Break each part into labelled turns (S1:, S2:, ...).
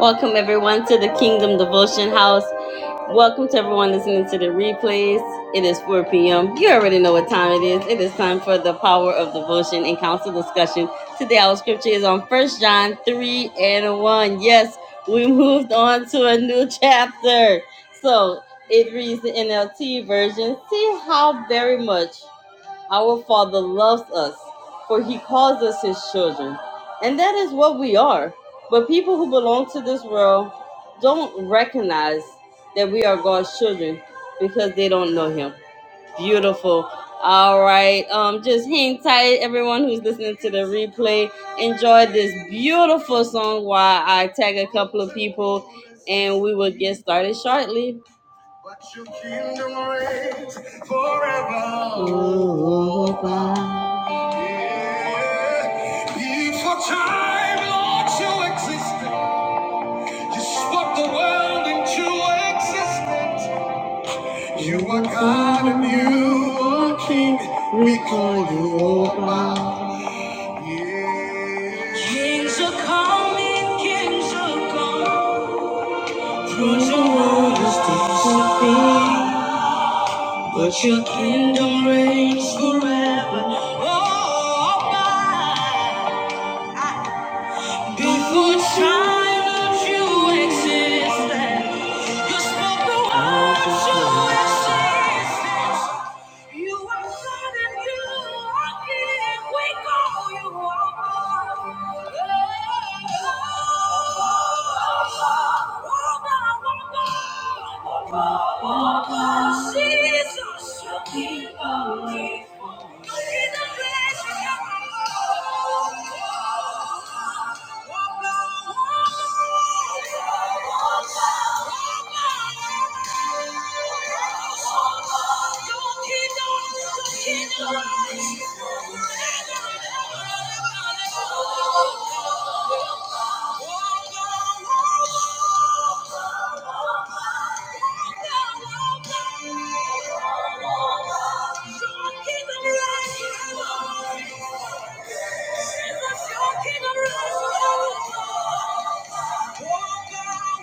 S1: Welcome, everyone, to the Kingdom Devotion House. Welcome to everyone listening to the replays. It is 4 p.m. You already know what time it is. It is time for the power of devotion and council discussion. Today, our scripture is on First John 3 and 1. Yes, we moved on to a new chapter. So it reads the NLT version. See how very much our Father loves us, for He calls us His children. And that is what we are. But people who belong to this world don't recognize that we are God's children because they don't know Him. Beautiful. All right. Um, just hang tight, everyone who's listening to the replay. Enjoy this beautiful song while I tag a couple of people, and we will get started shortly. But your kingdom reigns forever. Forever. Yeah. Before time, Lord, you existed. You spoke the world into existence. You are God and you are King. We call you Oba. Yeah. Kings are coming, kings are gone. Through the world is to be. But your kingdom reigns forever. Oh, my. Before time that you existed, you spoke the words to existence. You are God and you are King. We call you Lord. Jesus, you keep on me. Your kingdom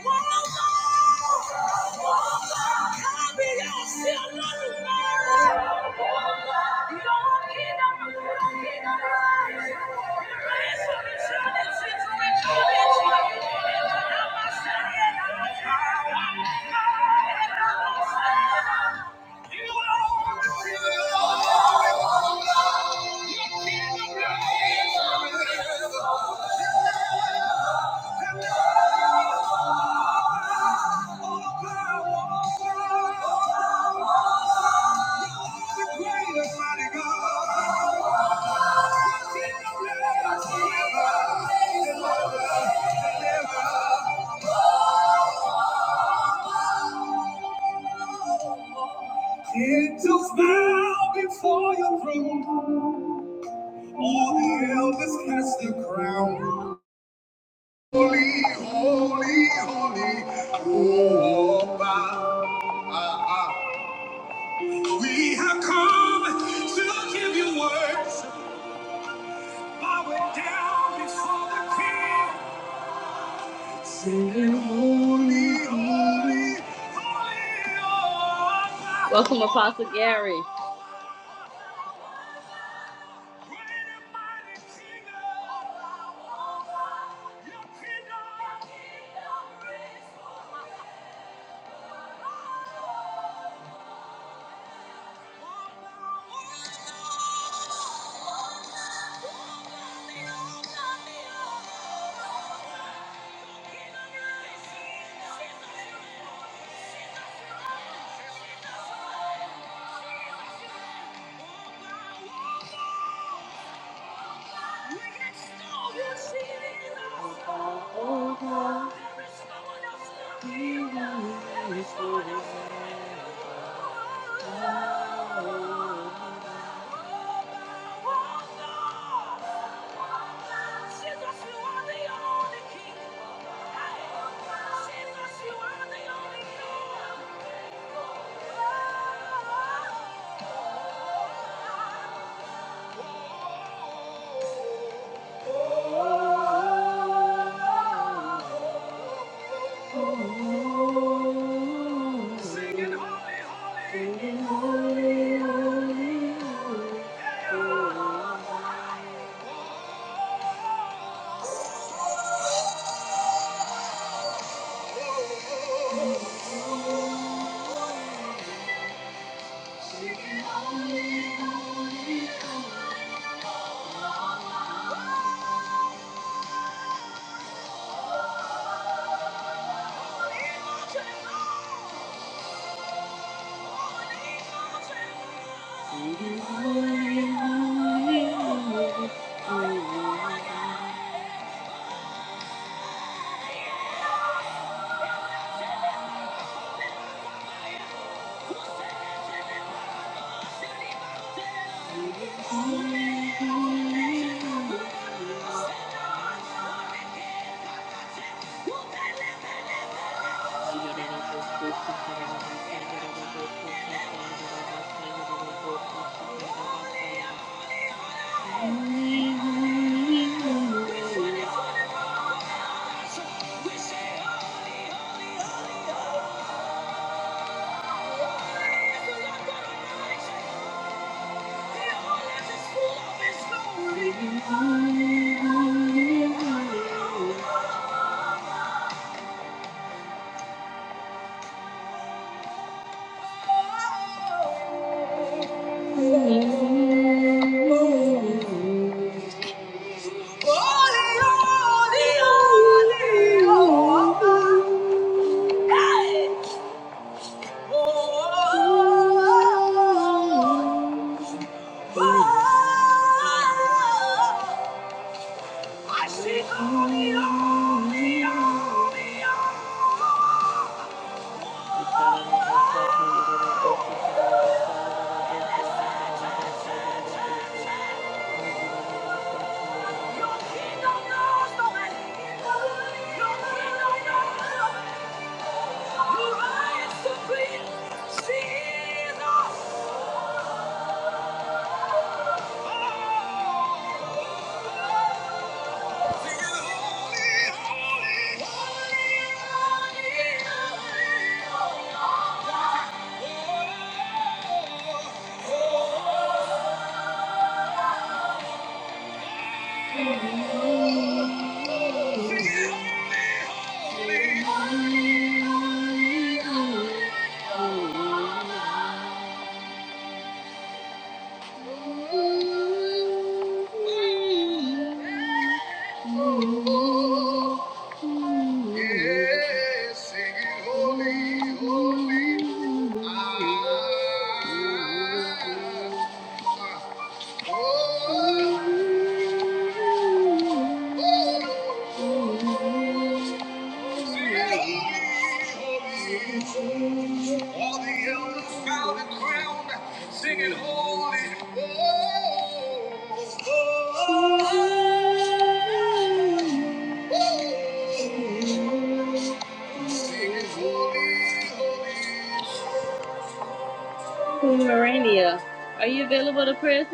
S1: rush. Thank you. Angels bow before your throne. All the elders cast their crown. Holy, holy, holy, oh, ah, ah. ah. We have come to give you worship, bowing down before the King. Singing holy, holy, holy. Welcome, Apostle Gary. Oh, Oh Holy, holy, holy, holy. Holy, holy, All the elders bowed and crowned, singing holy, oh, oh, oh, oh, singing holy, holy. Miranda, are you available to press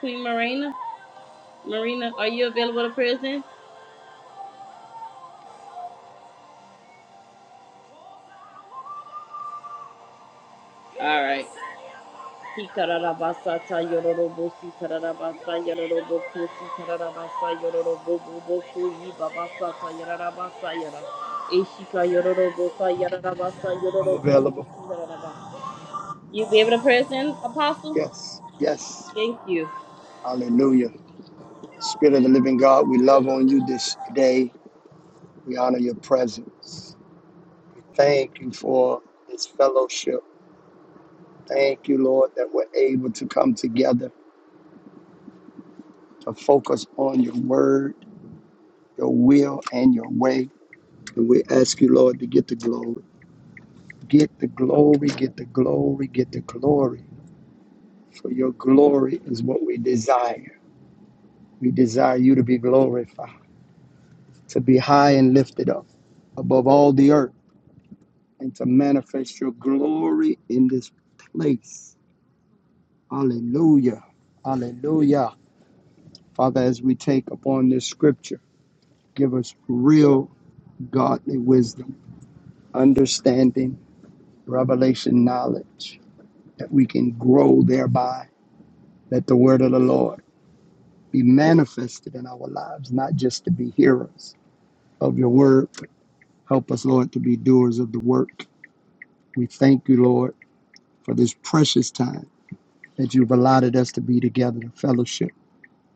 S1: Queen Marina? Marina, are you available to press All right. Ikararabasa ta yororobo si kararabasa yororobo ko si kararabasa yororobo bobo ko yi babasa ta yararabasa yara. Eshika yororobo ta yararabasa
S2: I'm
S1: yororobo ko
S2: available.
S1: si yararaba. You be able to present, Apostle?
S2: Yes, yes.
S1: Thank you.
S2: Hallelujah. Spirit of the living God, we love on you this day. We honor your presence. We thank you for this fellowship. Thank you, Lord, that we're able to come together to focus on your word, your will, and your way. And we ask you, Lord, to get the glory. Get the glory, get the glory, get the glory. For your glory is what we desire. We desire you to be glorified, to be high and lifted up above all the earth and to manifest your glory in this place. Hallelujah. Hallelujah. Father, as we take upon this scripture, give us real godly wisdom, understanding, revelation, knowledge, that we can grow thereby, that the word of the Lord be manifested in our lives, not just to be hearers of your word. Help us, Lord, to be doers of the work. We thank you, Lord, for this precious time that you've allotted us to be together to fellowship,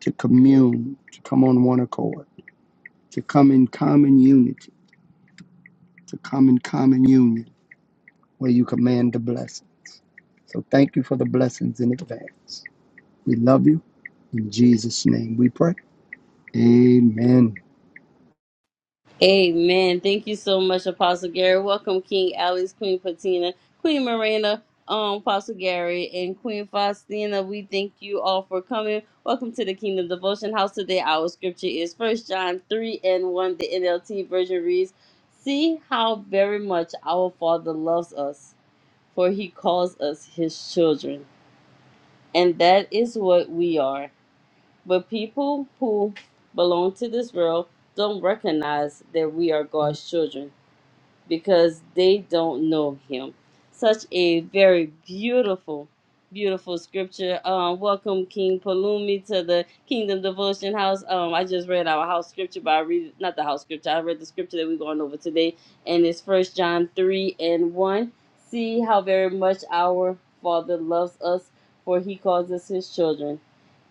S2: to commune, to come on one accord, to come in common unity, to come in common union where you command the blessing. So thank you for the blessings in advance. We love you. In Jesus' name we pray. Amen.
S1: Amen. Thank you so much, Apostle Gary. Welcome, King Alice, Queen Patina, Queen Miranda, um, Apostle Gary, and Queen Faustina. We thank you all for coming. Welcome to the Kingdom Devotion House today. Our scripture is First John 3 and 1. The NLT version reads, See how very much our Father loves us, for he calls us his children. And that is what we are. But people who belong to this world don't recognize that we are God's children because they don't know him. Such a very beautiful, beautiful scripture. Um, welcome King Palumi to the Kingdom Devotion House. Um, I just read our house scripture, but I read not the house scripture. I read the scripture that we're going over today, and it's First John three and one. See how very much our Father loves us, for He calls us His children,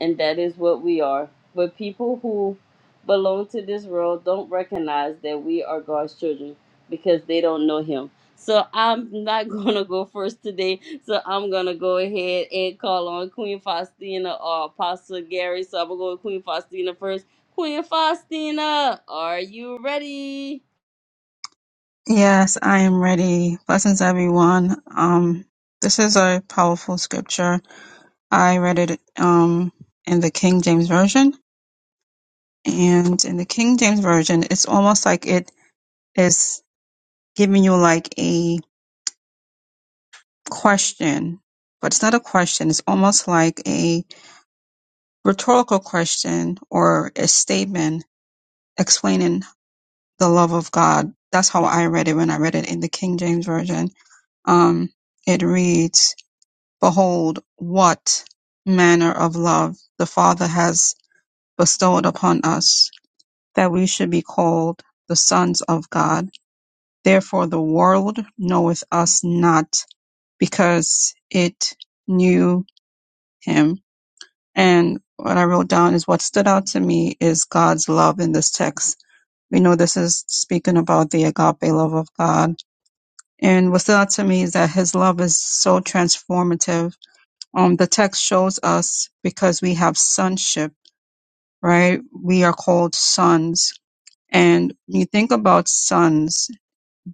S1: and that is what we are. But people who belong to this world don't recognize that we are God's children because they don't know him. So I'm not gonna go first today. So I'm gonna go ahead and call on Queen Faustina or Apostle Gary. So I'm gonna go with Queen Faustina first. Queen Faustina, are you ready?
S3: Yes, I am ready. Blessings, everyone. Um, this is a powerful scripture. I read it um, in the King James Version. And in the King James Version, it's almost like it is giving you like a question, but it's not a question. It's almost like a rhetorical question or a statement explaining the love of God. That's how I read it when I read it in the King James Version. Um, it reads, Behold, what manner of love the Father has bestowed upon us, that we should be called the sons of God. Therefore the world knoweth us not, because it knew him. And what I wrote down is what stood out to me is God's love in this text. We know this is speaking about the agape love of God. And what stood out to me is that his love is so transformative um, the text shows us because we have sonship, right? We are called sons. And when you think about sons,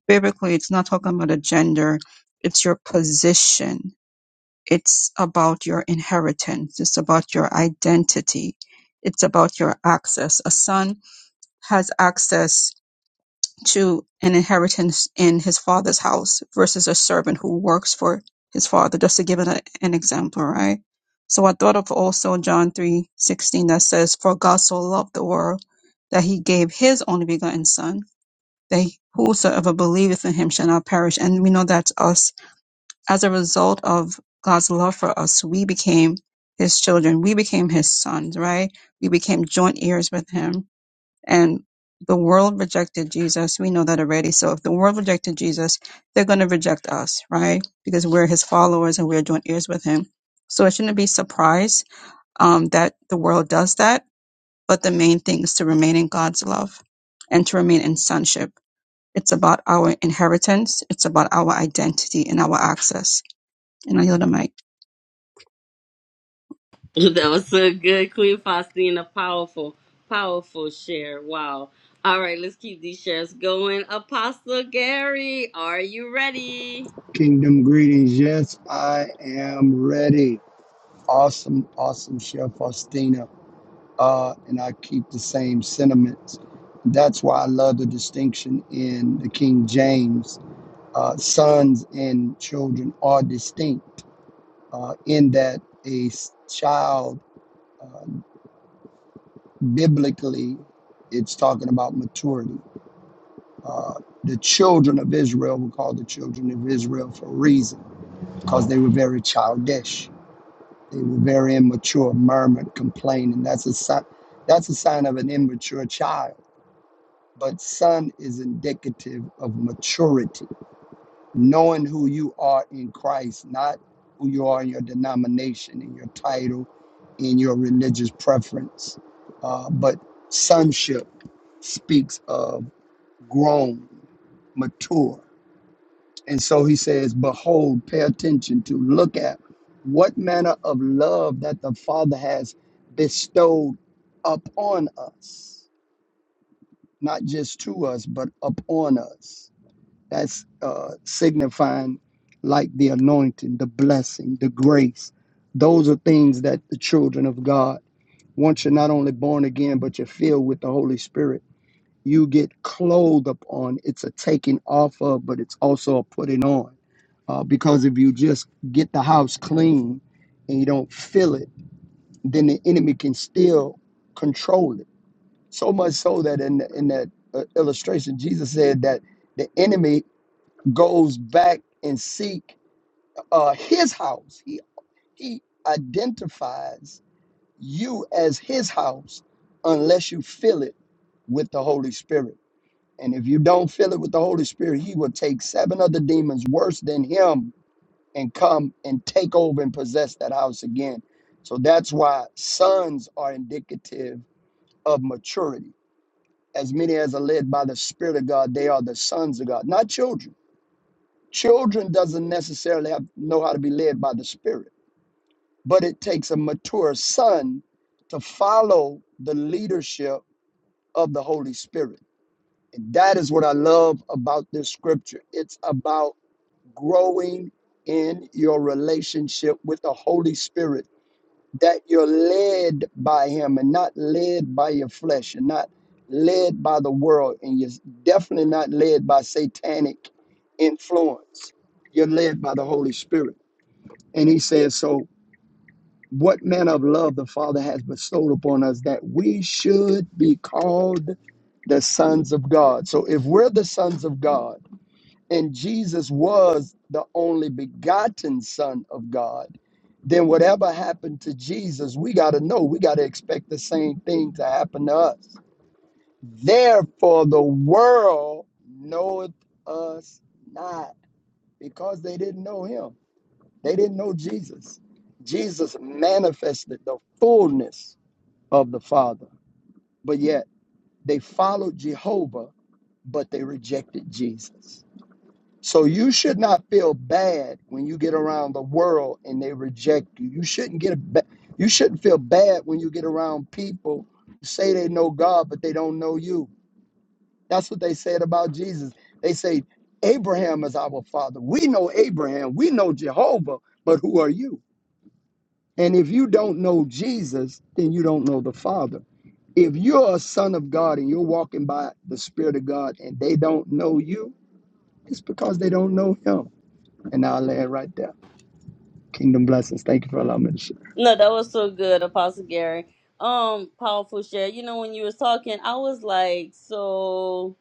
S3: biblically, it's not talking about a gender, it's your position. It's about your inheritance. It's about your identity. It's about your access. A son has access to an inheritance in his father's house versus a servant who works for his father, just to give it a, an example, right? So I thought of also John three sixteen that says, For God so loved the world that he gave his only begotten son, that whosoever believeth in him shall not perish. And we know that's us. As a result of God's love for us, we became his children. We became his sons, right? We became joint heirs with him and the world rejected Jesus. We know that already. So if the world rejected Jesus, they're going to reject us, right? Because we're his followers and we're joint ears with him. So it shouldn't be surprised um, that the world does that. But the main thing is to remain in God's love and to remain in sonship. It's about our inheritance. It's about our identity and our access. And I yield the mic.
S1: That was so good, Queen Faustina. Powerful, powerful share. Wow. All right, let's keep these shares going. Apostle Gary, are you ready?
S2: Kingdom greetings. Yes, I am ready. Awesome, awesome Chef Faustina. Uh, and I keep the same sentiments. That's why I love the distinction in the King James uh, sons and children are distinct uh, in that a child, uh, biblically, it's talking about maturity. Uh, the children of Israel were called the children of Israel for a reason, because they were very childish. They were very immature, murmured, complaining. That's a sign. That's a sign of an immature child. But son is indicative of maturity knowing who you are in Christ, not who you are in your denomination, in your title, in your religious preference. Uh, but sonship speaks of grown, mature. And so he says, Behold, pay attention to, look at what manner of love that the Father has bestowed upon us, not just to us, but upon us That's uh, signifying like the anointing, the blessing, the grace. Those are things that the children of God, once you're not only born again, but you're filled with the Holy Spirit, you get clothed upon. It's a taking off of, but it's also a putting on. Uh, because if you just get the house clean and you don't fill it, then the enemy can still control it. So much so that in, in that uh, illustration, Jesus said that the enemy goes back and seek uh, his house. He, he identifies you as his house unless you fill it with the Holy Spirit. And if you don't fill it with the Holy Spirit, he will take seven other demons worse than him and come and take over and possess that house again. So that's why sons are indicative of maturity. As many as are led by the Spirit of God, they are the sons of God, not children Children doesn't necessarily have, know how to be led by the Spirit, but it takes a mature son to follow the leadership of the Holy Spirit. And that is what I love about this scripture. It's about growing in your relationship with the Holy Spirit, that you're led by Him and not led by your flesh and not led by the world. And you're definitely not led by satanic influence. You're led by the Holy Spirit. And he says, So what manner of love the Father has bestowed upon us that we should be called the sons of God. So if we're the sons of God and Jesus was the only begotten Son of God, then whatever happened to Jesus, we got to know, we got to expect the same thing to happen to us. Therefore, the world knoweth us not because they didn't know him. They didn't know Jesus. Jesus manifested the fullness of the Father, but yet they followed Jehovah, but they rejected Jesus. So you should not feel bad when you get around the world and they reject you. You shouldn't get a ba- you shouldn't feel bad when you get around people who say they know God but they don't know you. That's what they said about Jesus. They say Abraham is our father. We know Abraham. We know Jehovah, but who are you? And if you don't know Jesus, then you don't know the Father. If you're a son of God and you're walking by the Spirit of God and they don't know you, it's because they don't know Him. And I'll lay it right there. Kingdom blessings. Thank you for allowing me to share.
S1: No, that was so good, Apostle Gary. Um, powerful share. You know, when you was talking, I was like, so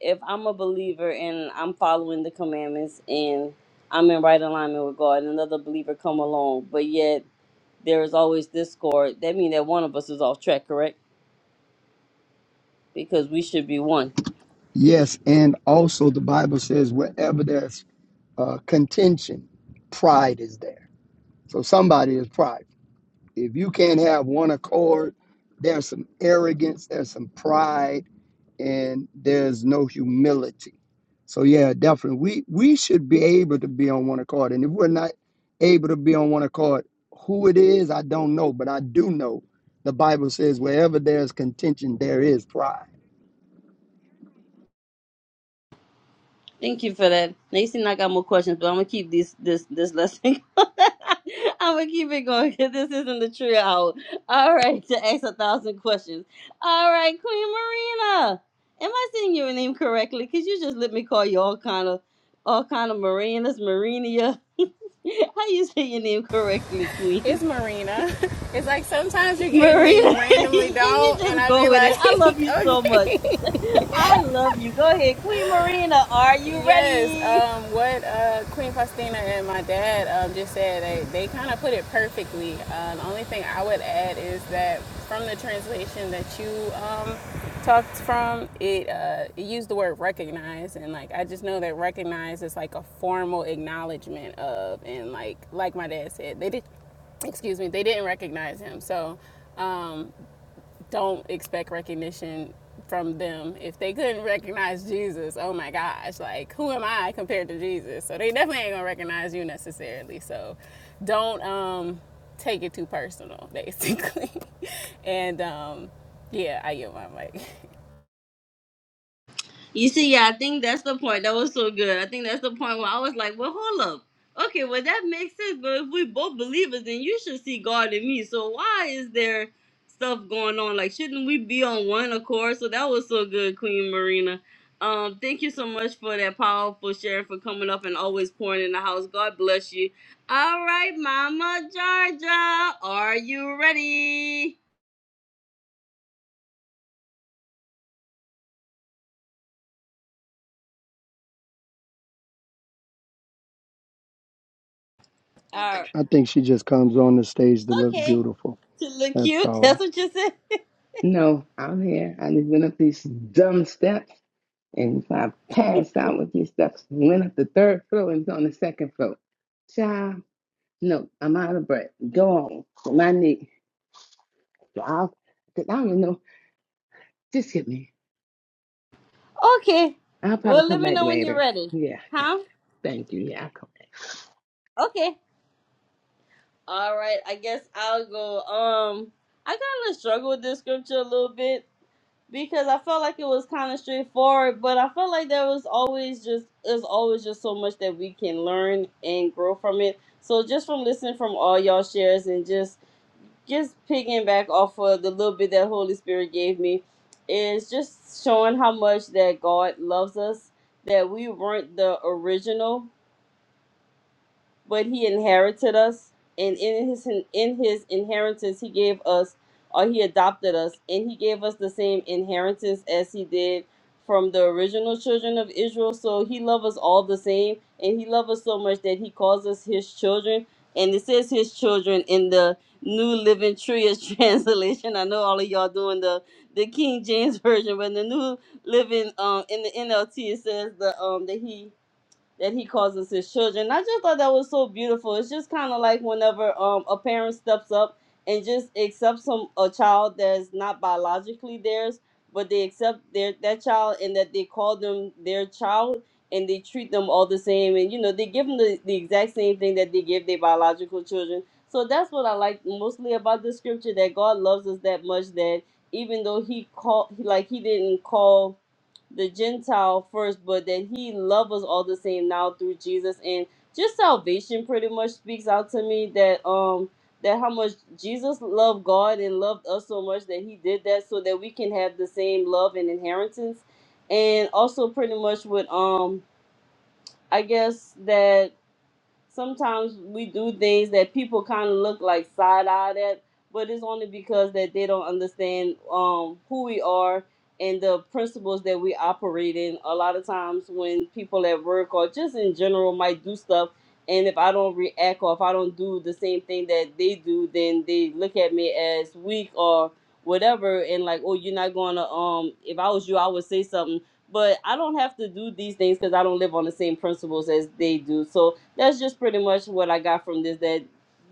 S1: if I'm a believer and I'm following the commandments and I'm in right alignment with God, and another believer come along, but yet there is always discord. That means that one of us is off track, correct? Because we should be one.
S2: Yes, and also the Bible says wherever there's uh, contention, pride is there. So somebody is pride. If you can't have one accord, there's some arrogance, there's some pride and there's no humility. So yeah, definitely, we we should be able to be on one accord. And if we're not able to be on one accord, who it is, I don't know, but I do know the Bible says wherever there's contention, there is pride.
S1: Thank you for that. Now you seem like I got more questions, but I'm gonna keep this this this lesson. I'm gonna keep it going because this isn't the true hour. All right, to ask a thousand questions. All right, Queen Marina, am I saying your name correctly? Cause you just let me call you all kind of all kind of Marinas, Marinia. How you say your name correctly,
S4: It's
S1: Queen
S4: Marina. It's like sometimes you get it and then you
S1: Marina? and
S4: randomly
S1: you
S4: don't, and
S1: just
S4: I
S1: go
S4: be
S1: with it.
S4: like,
S1: I love you so
S4: okay.
S1: much. I love you. Go ahead, Queen Marina. Are you
S4: Yes,
S1: ready?
S4: um, what uh, Queen Faustina and my dad um, just said, they, they kind of put it perfectly. Uh, the only thing I would add is that from the translation that you um, talked from, it, uh, it used the word recognize, and like I just know that recognize is like a formal acknowledgement of, and like like my dad said, they did excuse me, they didn't recognize him. So um, don't expect recognition from them. If they couldn't recognize Jesus, oh my gosh, like who am I compared to Jesus? So they definitely ain't gonna recognize you necessarily. So don't um, take it too personal, basically. and um, yeah, I get my mic.
S1: You see, yeah, I think that's the point. That was so good. I think that's the point where I was like, well, hold up. Okay, well, that makes sense. But if we both believers, then you should see God in me. So why is there stuff going on? Like, shouldn't we be on one accord? So that was so good, Queen Marina. Um, thank you so much for that powerful share, for coming up and always pouring in the house. God bless you. All right, Mama Georgia, are you ready? All right.
S2: I think she just comes on the stage to look
S1: Okay.
S2: beautiful.
S1: To look
S2: That's
S1: cute.
S2: all.
S1: That's what you said.
S5: No, I'm here. I just went up these dumb steps, and I passed out with these steps. Went up the third floor and was on the second floor. Child, no, I'm out of breath. Go on my knee. I'll, cause I don't know. Just hit me.
S1: Okay.
S5: I'll probably
S1: Well, let
S5: come
S1: me
S5: back
S1: know when you're
S5: later.
S1: ready.
S5: Yeah,
S1: Huh?
S5: thank you. Yeah,
S1: Okay. All right. I guess I'll go. Um, I kind of struggled with this scripture a little bit because I felt like it was kind of straightforward, but I felt like there was always just there's always just so much that we can learn and grow from it. So just from listening from all y'all shares and just just picking back off of the little bit that Holy Spirit gave me is just showing how much that God loves us that we weren't the original but he inherited us and in his in his inheritance he gave us or he adopted us and he gave us the same inheritance as he did from the original children of Israel so he loved us all the same and he loved us so much that he calls us his children and it says his children in the New Living Tria translation I know all of y'all doing the the King James version but in the New Living um in the NLT it says the um that he that he calls us his children. I just thought that was so beautiful. It's just kind of like whenever um, a parent steps up and just accepts some a child that's not biologically theirs, but they accept their that child and that they call them their child and they treat them all the same and you know they give them the, the exact same thing that they give their biological children. So that's what I like mostly about the scripture that God loves us that much that even though he called like he didn't call the Gentile first, but that he loves us all the same now through Jesus. And just salvation pretty much speaks out to me that um that how much Jesus loved God and loved us so much that he did that so that we can have the same love and inheritance. And also pretty much with um I guess that sometimes we do things that people kind of look like side eyed at, but it's only because that they don't understand um, who we are and the principles that we operate in. A lot of times when people at work or just in general might do stuff, and if I don't react or if I don't do the same thing that they do, then they look at me as weak or whatever, and like, oh, you're not gonna. Um, if I was you, I would say something. But I don't have to do these things because I don't live on the same principles as they do. So that's just pretty much what I got from this that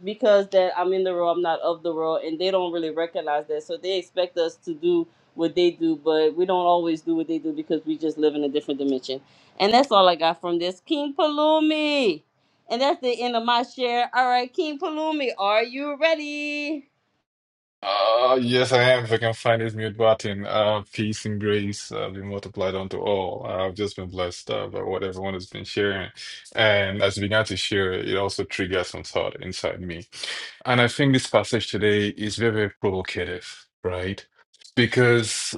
S1: because that I'm in the role, I'm not of the role, and they don't really recognize that. So they expect us to do what they do, but we don't always do what they do because we just live in a different dimension. And that's all I got from this. King Palumi. And that's the end of my share. All right, King Palumi, are you ready?
S6: Uh, yes, I am. If I can find his mute button, uh, peace and grace uh, be multiplied unto all. I've just been blessed uh, by what everyone has been sharing, and as we began to share, it also triggered some thought inside me. And I think this passage today is very, very provocative, right? Because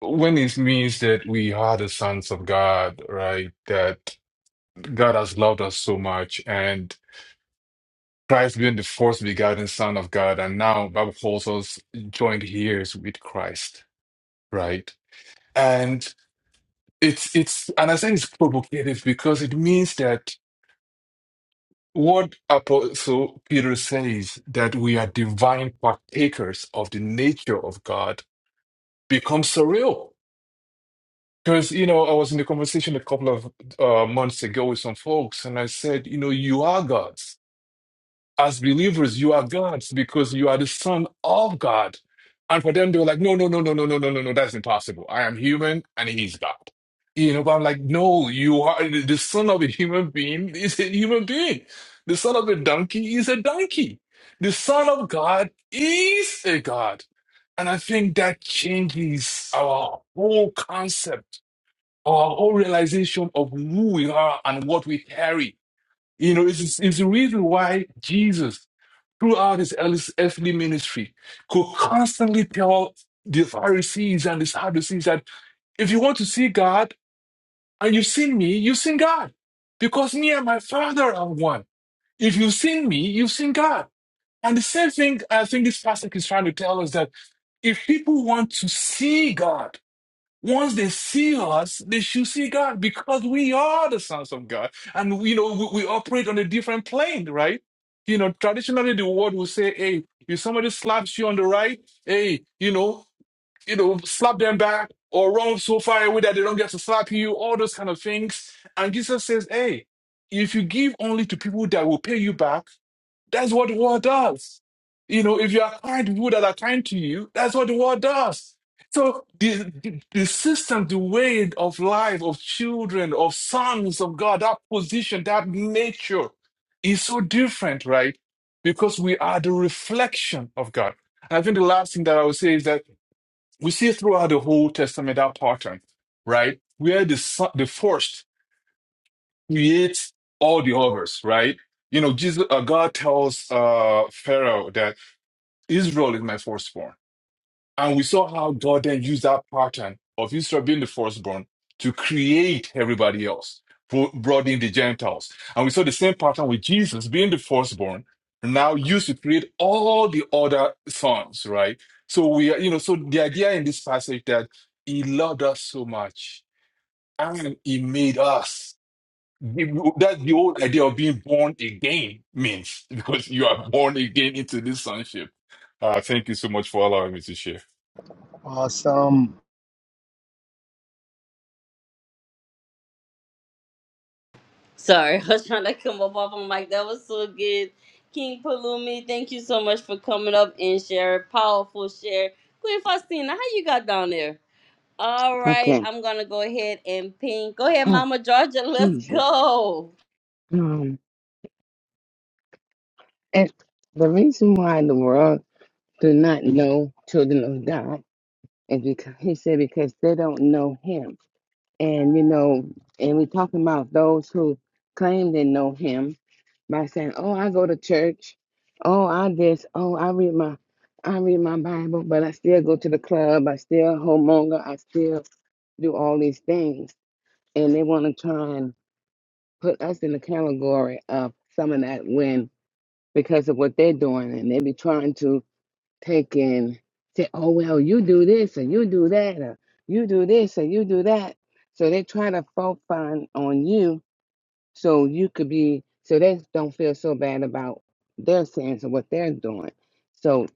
S6: when it means that we are the sons of God, right? That God has loved us so much, and Christ being the first begotten Son of God, and now Bible calls us joined heirs with Christ, right? And it's it's and I say it's provocative because it means that what Apostle Peter says that we are divine partakers of the nature of God becomes surreal. Because you know, I was in a conversation a couple of uh, months ago with some folks, and I said, you know, you are God. as believers, you are God's because you are the son of God. And for them, they were like, no, no, no, no, no, no, no, no, no, that's impossible. I am human and he's God. You know, but I'm like, no, you are the the son of a human being is a human being. The son of a donkey is a donkey. The son of God is a God. And I think that changes our whole concept, our whole realization of who we are and what we carry. You know, it's, it's the reason why Jesus throughout his earth- earthly ministry could constantly tell the Pharisees and the Sadducees that if you want to see God and you've seen me, you've seen God. Because me and my Father are one. If you've seen me, you've seen God. And the same thing I think this passage is trying to tell us that if people want to see God, once they see us, they should see God because we are the sons of God. And, you know, we, we operate on a different plane, right? You know, traditionally the world will say, hey, if somebody slaps you on the right, hey, you know, you know, slap them back or run so far away that they don't get to slap you, all those kind of things. And Jesus says, hey, if you give only to people that will pay you back, that's what war does. You know, if you are kind to people that are kind to you, that's what the war does. So the, the, the system, the way of life of children, of sons of God, that position, that nature is so different, right? Because we are the reflection of God. And I think the last thing that I would say is that we see throughout the whole Testament that pattern, right? Where the, son- the first create all the others, right? You know, Jesus, uh, God tells uh, Pharaoh that Israel is my firstborn. And we saw how God then used that pattern of Israel being the firstborn to create everybody else, bro- brought in the Gentiles. And we saw the same pattern with Jesus being the firstborn, now used to create all the other sons, right? So we are, you know, so the idea in this passage that he loved us so much and he made us. You- That's the whole idea of being born again means because you are born again into this sonship. Uh, thank you so much for allowing me to share.
S2: Awesome.
S1: Sorry, I was trying to come up off my mic. That was so good. King Palumi, thank you so much for coming up and sharing. Powerful share. Queen Faustina, how you got down there? All
S5: I'll come.
S1: right,
S5: Okay.
S1: I'm gonna go ahead and ping. Go ahead,
S5: Oh,
S1: Mama Georgia. Let's
S5: Jesus.
S1: go.
S5: Um, and the reason why the world do not know children of God is because he said because they don't know Him And you know, and we're talking about those who claim they know him by saying, "Oh, I go to church. Oh, I this. Oh, I read my, I read my Bible, but I still go to the club. I still homemonger. I still do all these things." And they want to try and put us in the category of some of that when because of what they're doing, and they be trying to taking say, oh well, you do this and you do that, or you do this and you do that. So they try to fault find on you so you could be so they don't feel so bad about their sins and what they're doing. So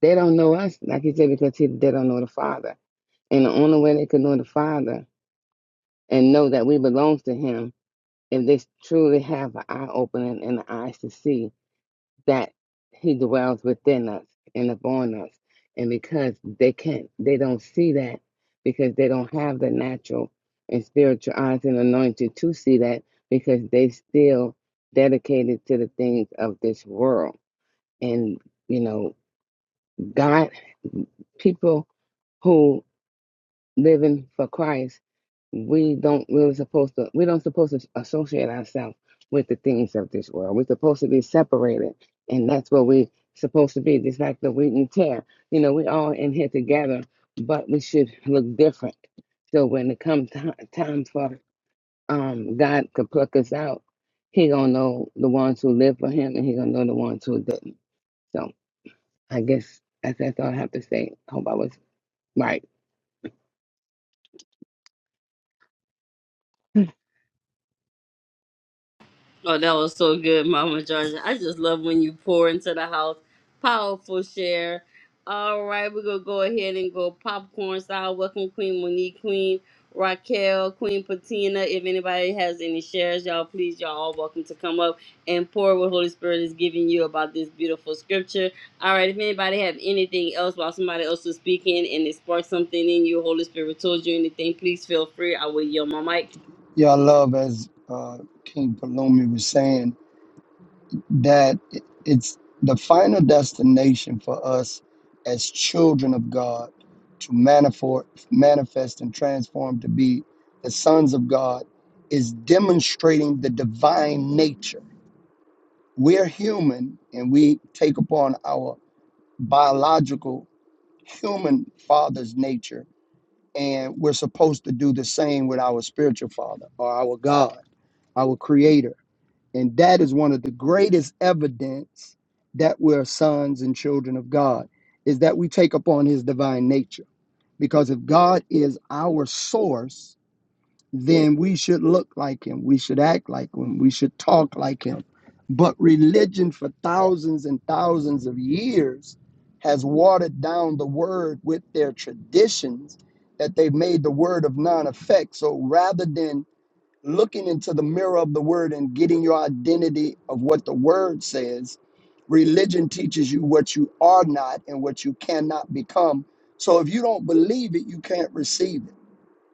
S5: they don't know us, like you said, because he, they don't know the Father. And the only way they can know the Father and know that we belong to Him if they truly have an eye opening and the eyes to see that he dwells within us and upon us. And because they can't, they don't see that because they don't have the natural and spiritual eyes and anointing to see that because they still dedicated to the things of this world. And, you know, God, people who living for Christ, we don't really supposed to we don't supposed to associate ourselves with the things of this world. We're supposed to be separated, and that's what we supposed to be. Just like the wheat and tear, you know, we all in here together, but we should look different. So when it comes time, time for um God to pluck us out, He gonna know the ones who live for Him, and He gonna know the ones who didn't. So I guess that's, that's all I have to say. Hope I was right.
S1: Oh, that was so good, Mama Georgia. I just love when you pour into the house. Powerful share. All right, we're gonna go ahead and go popcorn style. Welcome Queen Monique, Queen Raquel, Queen Patina. If anybody has any shares, y'all please, y'all all welcome to come up and pour what Holy Spirit is giving you about this beautiful scripture. All right, if anybody have anything else while somebody else was speaking and it sparked something in you, Holy Spirit told you anything, please feel free. I will yield my mic.
S2: Yeah, I love as uh, King Palumi was saying. that it's the final destination for us as children of God to manifor- manifest and transform to be the sons of God is demonstrating the divine nature. We're human and we take upon our biological human father's nature, and we're supposed to do the same with our spiritual father or our God, our creator and that is one of the greatest evidence that we're sons and children of God, is that we take upon his divine nature. Because if God is our source, then we should look like him, we should act like him, we should talk like him. But religion for thousands and thousands of years has watered down the word with their traditions that they've made the word of non effect. So rather than looking into the mirror of the word and getting your identity of what the word says. Religion teaches you what you are not and what you cannot become. So if you don't believe it, you can't receive it.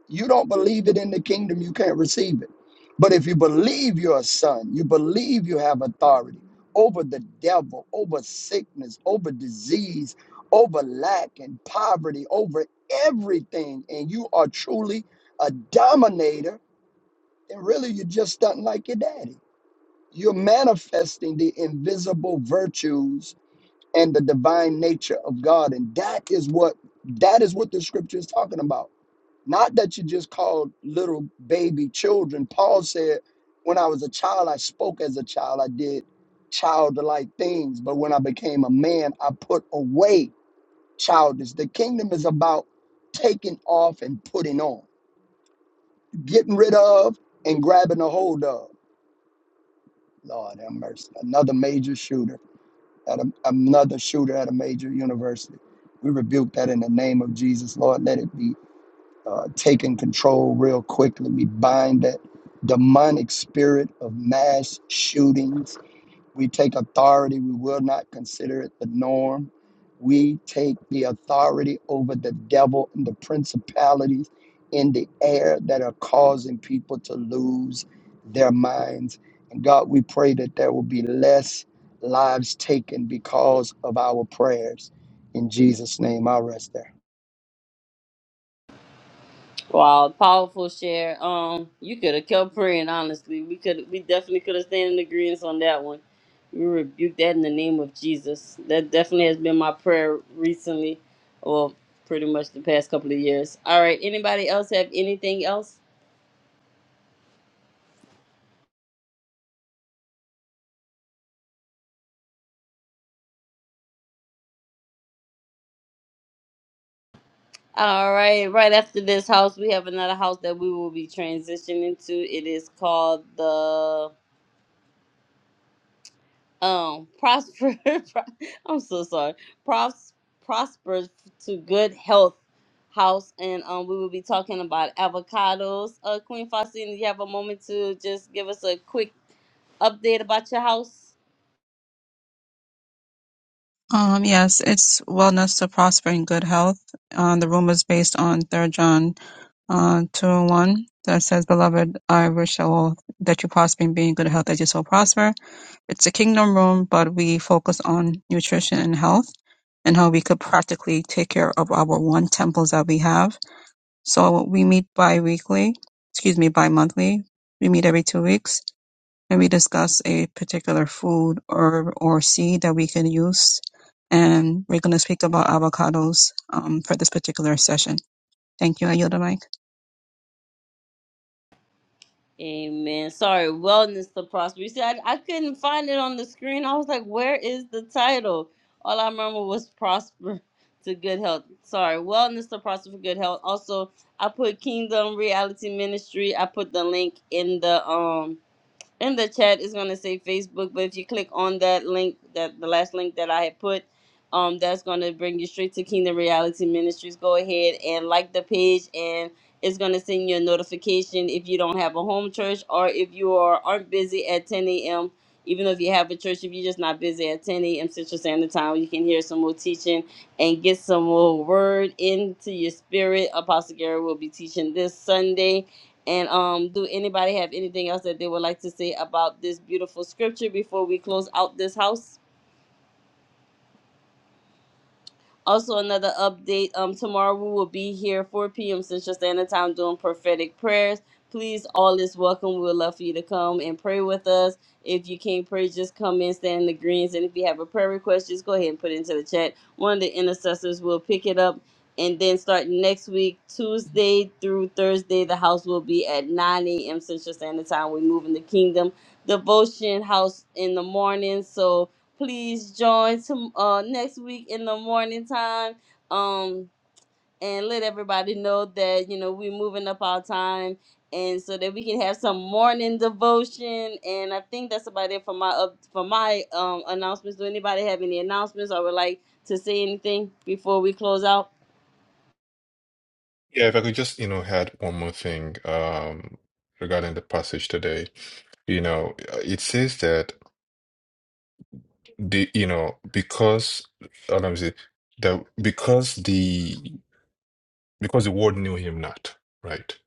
S2: You don't believe it in the kingdom, you can't receive it. But if you believe you're a son, you believe you have authority over the devil, over sickness, over disease, over lack and poverty, over everything, and you are truly a dominator then really you're just stunting like your daddy. You're manifesting the invisible virtues and the divine nature of God. And that is what that is what the scripture is talking about. Not that you just called little baby children. Paul said, when I was a child, I spoke as a child. I did childlike things. But when I became a man, I put away childish. The kingdom is about taking off and putting on, getting rid of and grabbing a hold of. Lord have mercy. Another major shooter at a, another shooter at a major university. We rebuke that in the name of Jesus, Lord. Let it be uh, taken control real quickly. We bind that demonic spirit of mass shootings we take authority. We will not consider it the norm. We take the authority over the devil and the principalities in the air that are causing people to lose their minds. And God, we pray that there will be less lives taken because of our prayers. In Jesus' name, I rest there.
S1: Wow, powerful share. Um, you could have kept praying. Honestly, we could, we definitely could have stayed in agreement on that one. We rebuke that in the name of Jesus. That definitely has been my prayer recently, or pretty much the past couple of years. All right, anybody else have anything else? All right, right after this house, we have another house that we will be transitioning to. It is called the um prosper i'm so sorry Pros, prosper to good health house and um we will be talking about avocados uh queen faustina do you have a moment to just give us a quick update about your house
S3: Um, yes, it's wellness to prosper in good health. Uh, the room is based on 3 John uh, 2 and 1 that says, Beloved, I wish that all that you prosper and be in good health that your soul prosper. It's a kingdom room, but we focus on nutrition and health and how we could practically take care of our one temples that we have. So we meet bi-weekly, excuse me, bi-monthly. We meet every two weeks and we discuss a particular food herb or seed that we can use. And we're going to speak about avocados um, for this particular session. Thank you. I yield the mic.
S1: Amen. Sorry, wellness to prosper. You see, I, I couldn't find it on the screen. I was like, where is the title? All I remember was prosper to good health. Sorry, wellness to prosper for good health. Also, I put Kingdom Reality Ministry. I put the link in the um in the chat is going to say Facebook, but if you click on that link, that the last link that I had put, um, that's going to bring you straight to Kingdom Reality Ministries. Go ahead and like the page, and it's going to send you a notification if you don't have a home church or if you are aren't busy at 10 a.m. Even though if you have a church, if you're just not busy at 10 a.m. Central Standard Time, you can hear some more teaching and get some more word into your spirit. Apostle Gary will be teaching this Sunday and um, do anybody have anything else that they would like to say about this beautiful scripture before we close out this house? Also, another update. Um, tomorrow we will be here 4 p.m. Central Standard Time doing prophetic prayers. Please, all is welcome. We would love for you to come and pray with us. If you can't pray, just come in, stand in the greens. And if you have a prayer request, just go ahead and put it into the chat. One of the intercessors will pick it up. And then start next week, Tuesday through Thursday, the house will be at 9 a.m. Central Standard Time. We move in the kingdom devotion house in the morning. So please join to, uh, next week in the morning time um, and let everybody know that you know we're moving up our time and so that we can have some morning devotion and i think that's about it for my up for my um announcements do anybody have any announcements or would like to say anything before we close out
S6: Yeah, if I could just, you know, add one more thing um, regarding the passage today. You know, uh, it says that the, you know, because, uh, let me see, that because the because the world knew him not, right?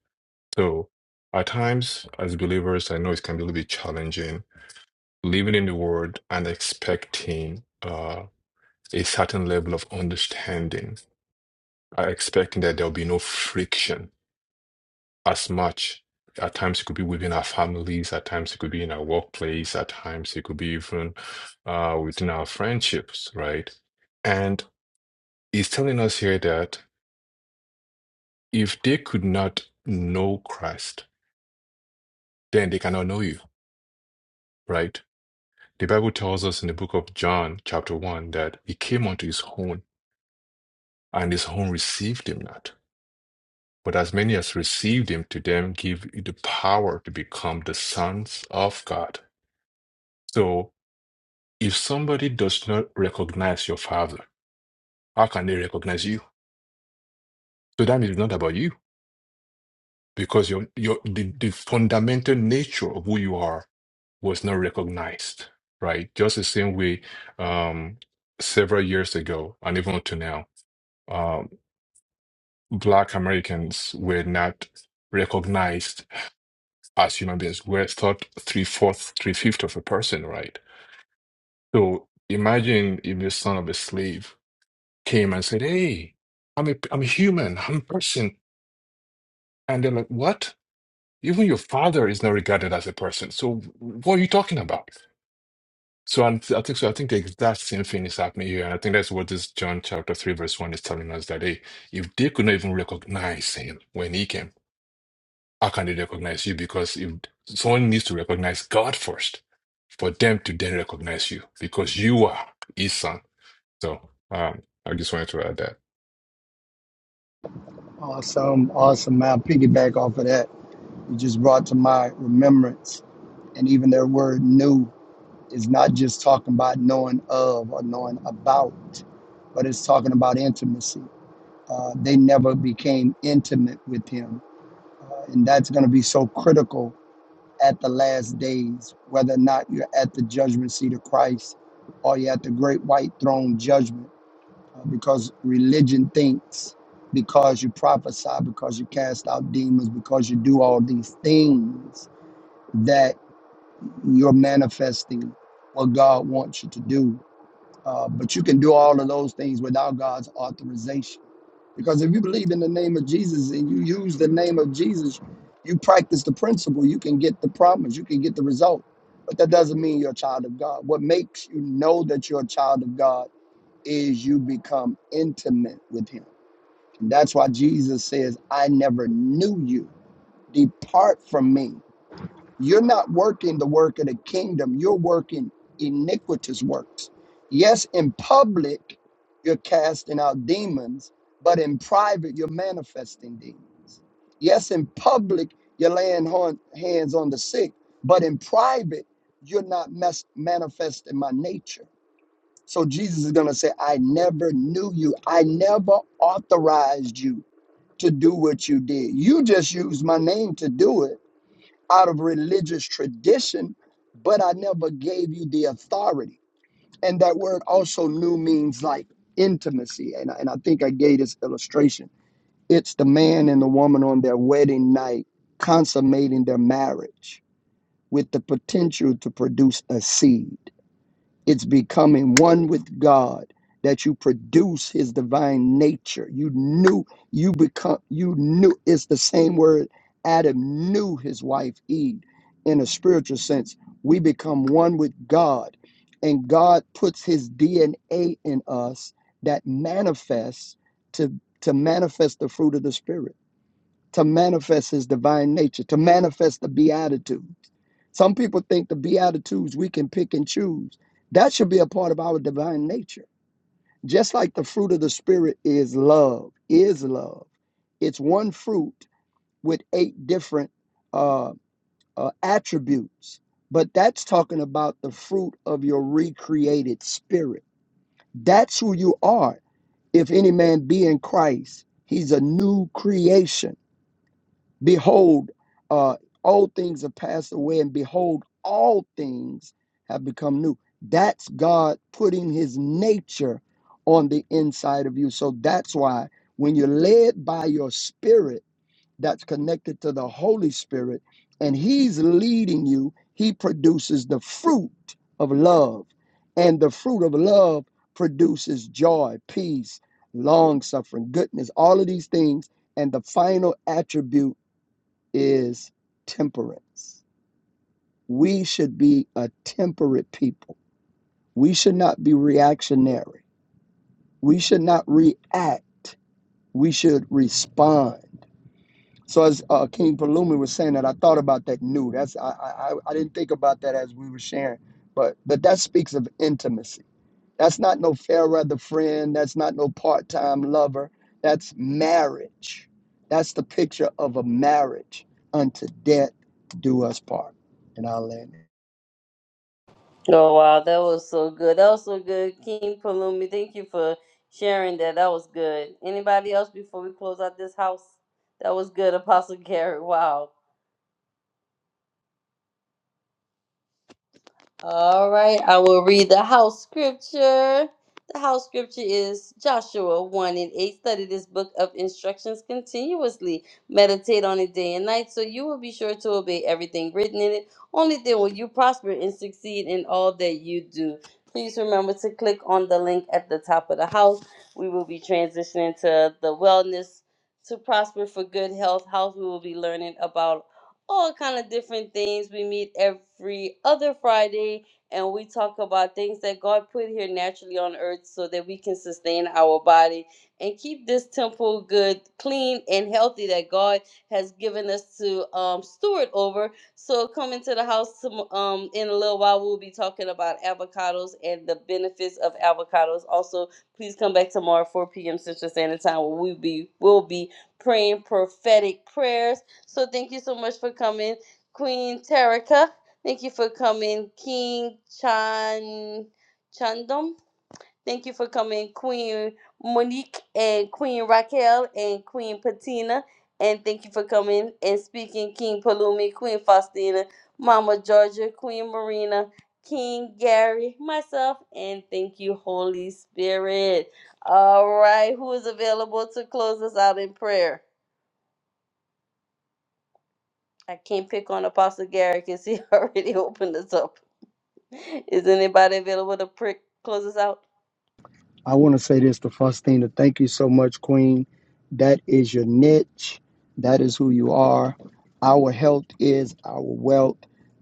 S6: So at times as believers, I know it can be a little bit challenging living in the world and expecting. uh, a certain level of understanding, uh, expecting that there'll be no friction as much. At times, it could be within our families, at times, it could be in our workplace, at times, it could be even uh, within our friendships, right? And he's telling us here that if they could not know Christ, then they cannot know you, right? The Bible tells us in the book of John, chapter 1, that he came unto his own, and his own received him not But as many as received him, to them give the power to become the sons of God. So if somebody does not recognize your father, how can they recognize you? So that means it's not about you because your your the, the fundamental nature of who you are was not recognized, right? Just the same way um, several years ago and even up to now, um, Black Americans were not recognized as human beings, we're thought three fourths, three fifths of a person, right? So imagine if the son of a slave came and said, Hey, I'm a, I'm a human, I'm a person. And they're like, What? Even your father is not regarded as a person. So what are you talking about? So I, I think so. I think the exact same thing is happening here. And I think that's what this John chapter 3, verse 1 is telling us that hey, if they could not even recognize him when he came, How can they recognize you? Because if someone needs to recognize God first for them to then recognize you because you are his son. So um, I just wanted to add that.
S2: Awesome, awesome. I'll piggyback off of that. You just brought to my remembrance, and even their word new. It's not just talking about knowing of or knowing about, but it's talking about intimacy. Uh, they never became intimate with him. Uh, and that's going to be so critical at the last days, whether or not you're at the judgment seat of Christ or you're at the great white throne judgment, uh, because religion thinks because you prophesy, because you cast out demons, because you do all these things that you're manifesting what God wants you to do uh, but you can do all of those things without God's authorization. Because if you believe in the name of Jesus and you use the name of Jesus, you practice the principle, you can get the promise, you can get the result. But that doesn't mean you're a child of God. What makes you know that you're a child of God is you become intimate with Him. And that's why Jesus says, I never knew you. Depart from me. You're not working the work of the kingdom, you're working iniquitous works. Yes, in public, you're casting out demons, but in private, you're manifesting demons. Yes, in public, you're laying hon- hands on the sick, but in private, you're not mes- manifesting my nature. So Jesus is going to say, I never knew you. I never authorized you to do what you did. You just used my name to do it out of religious tradition, but I never gave you the authority. And that word also new means like intimacy. And, I- and I think I gave this illustration. It's the man and the woman on their wedding night consummating their marriage with the potential to produce a seed. It's becoming one with God that you produce his divine nature. You knew you become you knew it's the same word Adam knew his wife Eve in a spiritual sense. We become one with God and God puts his DNA in us that manifests to to manifest the fruit of the spirit, to manifest his divine nature, to manifest the beatitude. Some people think the Beatitudes we can pick and choose. That should be a part of our divine nature. Just like the fruit of the Spirit is love, is love. It's one fruit with eight different uh, uh, attributes. But that's talking about the fruit of your recreated spirit. That's who you are. If any man be in Christ, he's a new creation. Behold, uh, old things have passed away, and behold, all things have become new. That's God putting his nature on the inside of you. So that's why when you're led by your spirit, that's connected to the Holy Spirit, and he's leading you, he produces the fruit of love. And the fruit of love produces joy, peace, long suffering, goodness, all of these things. And the final attribute is temperance. We should be a temperate people. We should not be reactionary. We should not react. We should respond. So as uh, King Palumi was saying that, I thought about that new. That's I, I I I didn't think about that as we were sharing, but but that speaks of intimacy That's not no fair weather friend. That's not no part time lover. That's marriage. That's the picture of a marriage. Unto death do us part. And I'll end it.
S1: oh wow that was so good that was so good king palumi thank you for sharing that that was good anybody else before we close out this house that was good apostle gary wow All right, I will read the house scripture. The house scripture is Joshua 1 and 8. Study this book of instructions continuously. Meditate on it day and night so you will be sure to obey everything written in it. Only then will you prosper and succeed in all that you do. Please remember to click on the link at the top of the house. We will be transitioning to the wellness to prosper for good health house. We will be learning about all kind of different things. We meet every other Friday and we talk about things that God put here naturally on earth so that we can sustain our body and keep this temple good, clean, and healthy that God has given us to um, steward over. So come into the house tom- um, in a little while. We'll be talking about avocados and the benefits of avocados. Also, please come back tomorrow 4 p.m. Central Standard Time. where We'll be, we'll be praying prophetic prayers so thank you so much for coming, Queen Terica. Thank you for coming, King Chan Chandom. Thank you for coming, Queen Monique and Queen Raquel and Queen Patina. And thank you for coming and speaking, King Palumi, Queen Faustina, Mama Georgia, Queen Marina, King Gary, myself, and thank you, Holy Spirit. All right, who is available to close us out in prayer? I can't pick on Apostle Gary because he already opened us up. Is anybody available to pray, close us out?
S2: I want to say this to Faustina. Thank you so much, Queen. That is your niche. That is who you are. Our health is our wealth.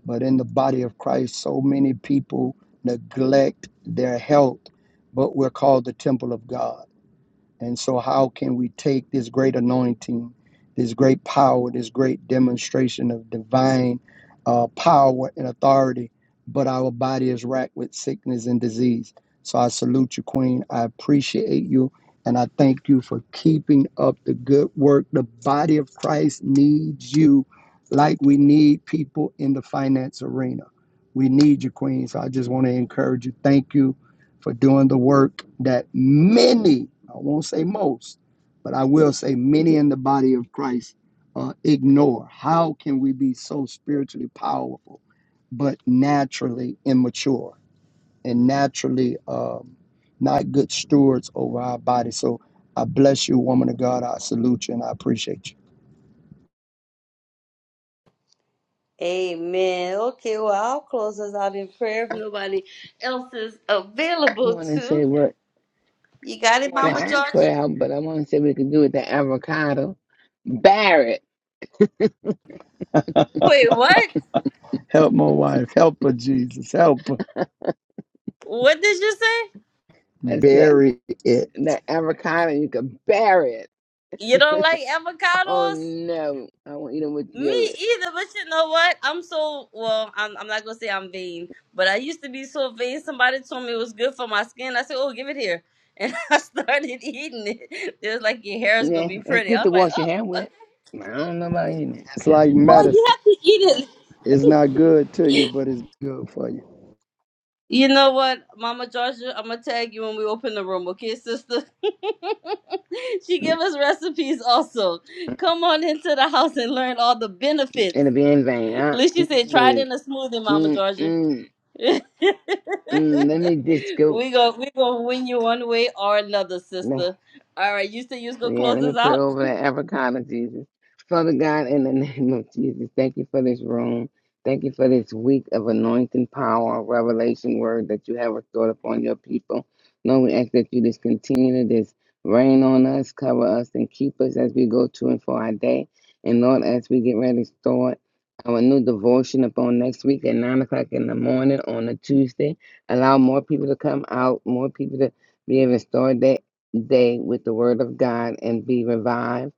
S2: But in the body of Christ, so many people neglect their health. But we're called the temple of God. And so, how can we take this great anointing, this great power, this great demonstration of divine uh, power and authority, but our body is racked with sickness and disease? So, I salute you, Queen. I appreciate you. And I thank you for keeping up the good work. The body of Christ needs you like we need people in the finance arena. We need you, Queen. So I just want to encourage you. Thank you for doing the work that many, I won't say most, but I will say many in the body of Christ uh, ignore. How can we be so spiritually powerful but naturally immature? and naturally um, not good stewards over our body. So I bless you, woman of God. I salute you and I appreciate you.
S1: Amen. Okay, well, I'll close us out in prayer if
S5: I
S1: nobody else is available
S5: want to say
S1: to.
S5: what
S1: You got it,
S5: Well,
S1: Mama
S5: I don't
S1: Georgia?
S5: out, but I want to see what we can do with the avocado. Bury it.
S1: Wait, what?
S2: Help my wife. Help her, Jesus. Help her.
S1: What did you say?
S5: That's the
S2: Bury it.
S5: the avocado. You can bury it.
S1: You don't like
S5: Oh
S1: avocados?
S5: no, I won't eat it with
S1: Me
S5: yogurt.
S1: either, but you know what? I'm so well. I'm I'm not gonna say I'm vain, but I used to be so vain. Somebody told me it was good for my skin. I said, "Oh, give it here," and I started eating it. They was like, "Your hair is gonna
S5: Yeah,
S1: be
S5: it's
S1: pretty."
S5: good
S1: I
S5: to
S1: was like,
S5: wash your
S1: "Oh,
S5: hand with. I don't know about eating
S2: It's like
S1: well, you
S2: medicine.
S1: have to eat it."
S2: It's not good to you, but it's good for you.
S1: You know what, Mama Georgia? I'm gonna tag you when we open the room, okay, sister? she
S5: it.
S1: give us recipes also.
S5: Mm,
S1: Come on into the house and learn all the benefits.
S5: It'll be in vain.
S1: At
S5: I,
S1: least she said, "Try it
S5: mm,
S1: in a smoothie, Mama
S5: mm,
S1: Georgia."
S5: mm,
S1: we
S5: mm. Let me just go.
S1: gonna we gonna win you one way or another,
S5: nah.
S1: sister. All right, you said you was gonna
S5: Yeah,
S1: close
S5: let me
S1: us
S5: pray
S1: out.
S5: over that Africana, Jesus. Father God, in the name of Jesus, thank you for this room. Thank you for this week of anointing power, revelation word that you have restored upon your people. Lord, we ask that you just continue to just rain on us, cover us, and keep us as we go to and for our day. And Lord, as we get ready to start our new devotion upon next week at 9 o'clock in the morning on a Tuesday, allow more people to come out, more people to be able to start that day with the word of God and be revived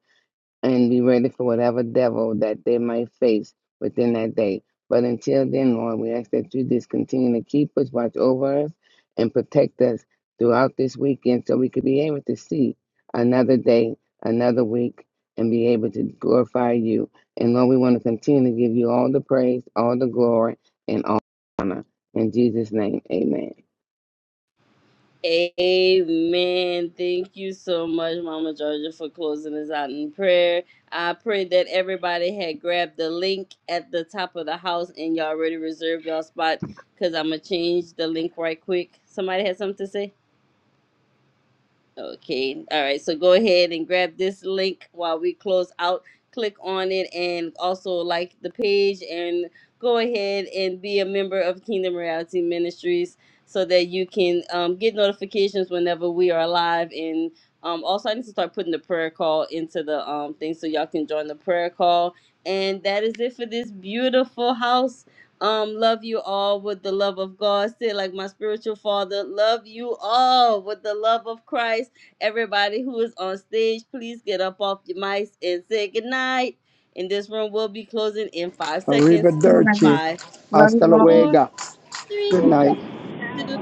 S5: and be ready for whatever devil that they might face within that day. But until then, Lord, we ask that you just continue to keep us, watch over us, and protect us throughout this weekend so we could be able to see another day, another week, and be able to glorify you. And Lord, we want to continue to give you all the praise, all the glory, and all the honor. In Jesus' name, amen.
S1: Amen. Thank you so much, Mama Georgia, for closing us out in prayer. I pray that everybody had grabbed the link at the top of the house and y'all already reserved y'all spot because I'm gonna change the link right quick. Somebody had something to say. Okay. All right. So go ahead and grab this link while we close out. Click on it and also like the page and go ahead and be a member of Kingdom Reality Ministries so that you can um, get notifications whenever we are live. And um, also, I need to start putting the prayer call into the um, thing so y'all can join the prayer call. And that is it for this beautiful house. Um, love you all with the love of God. Say it like my spiritual father, love you all with the love of Christ. Everybody who is on stage, please get up off your mics and say goodnight. And this room will be closing in five seconds.
S2: Arrivederci.
S1: Five,
S2: Hasta
S1: four,
S2: luego.
S1: three,
S2: Good night.
S1: two,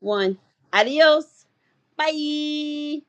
S1: one. Adios. Bye.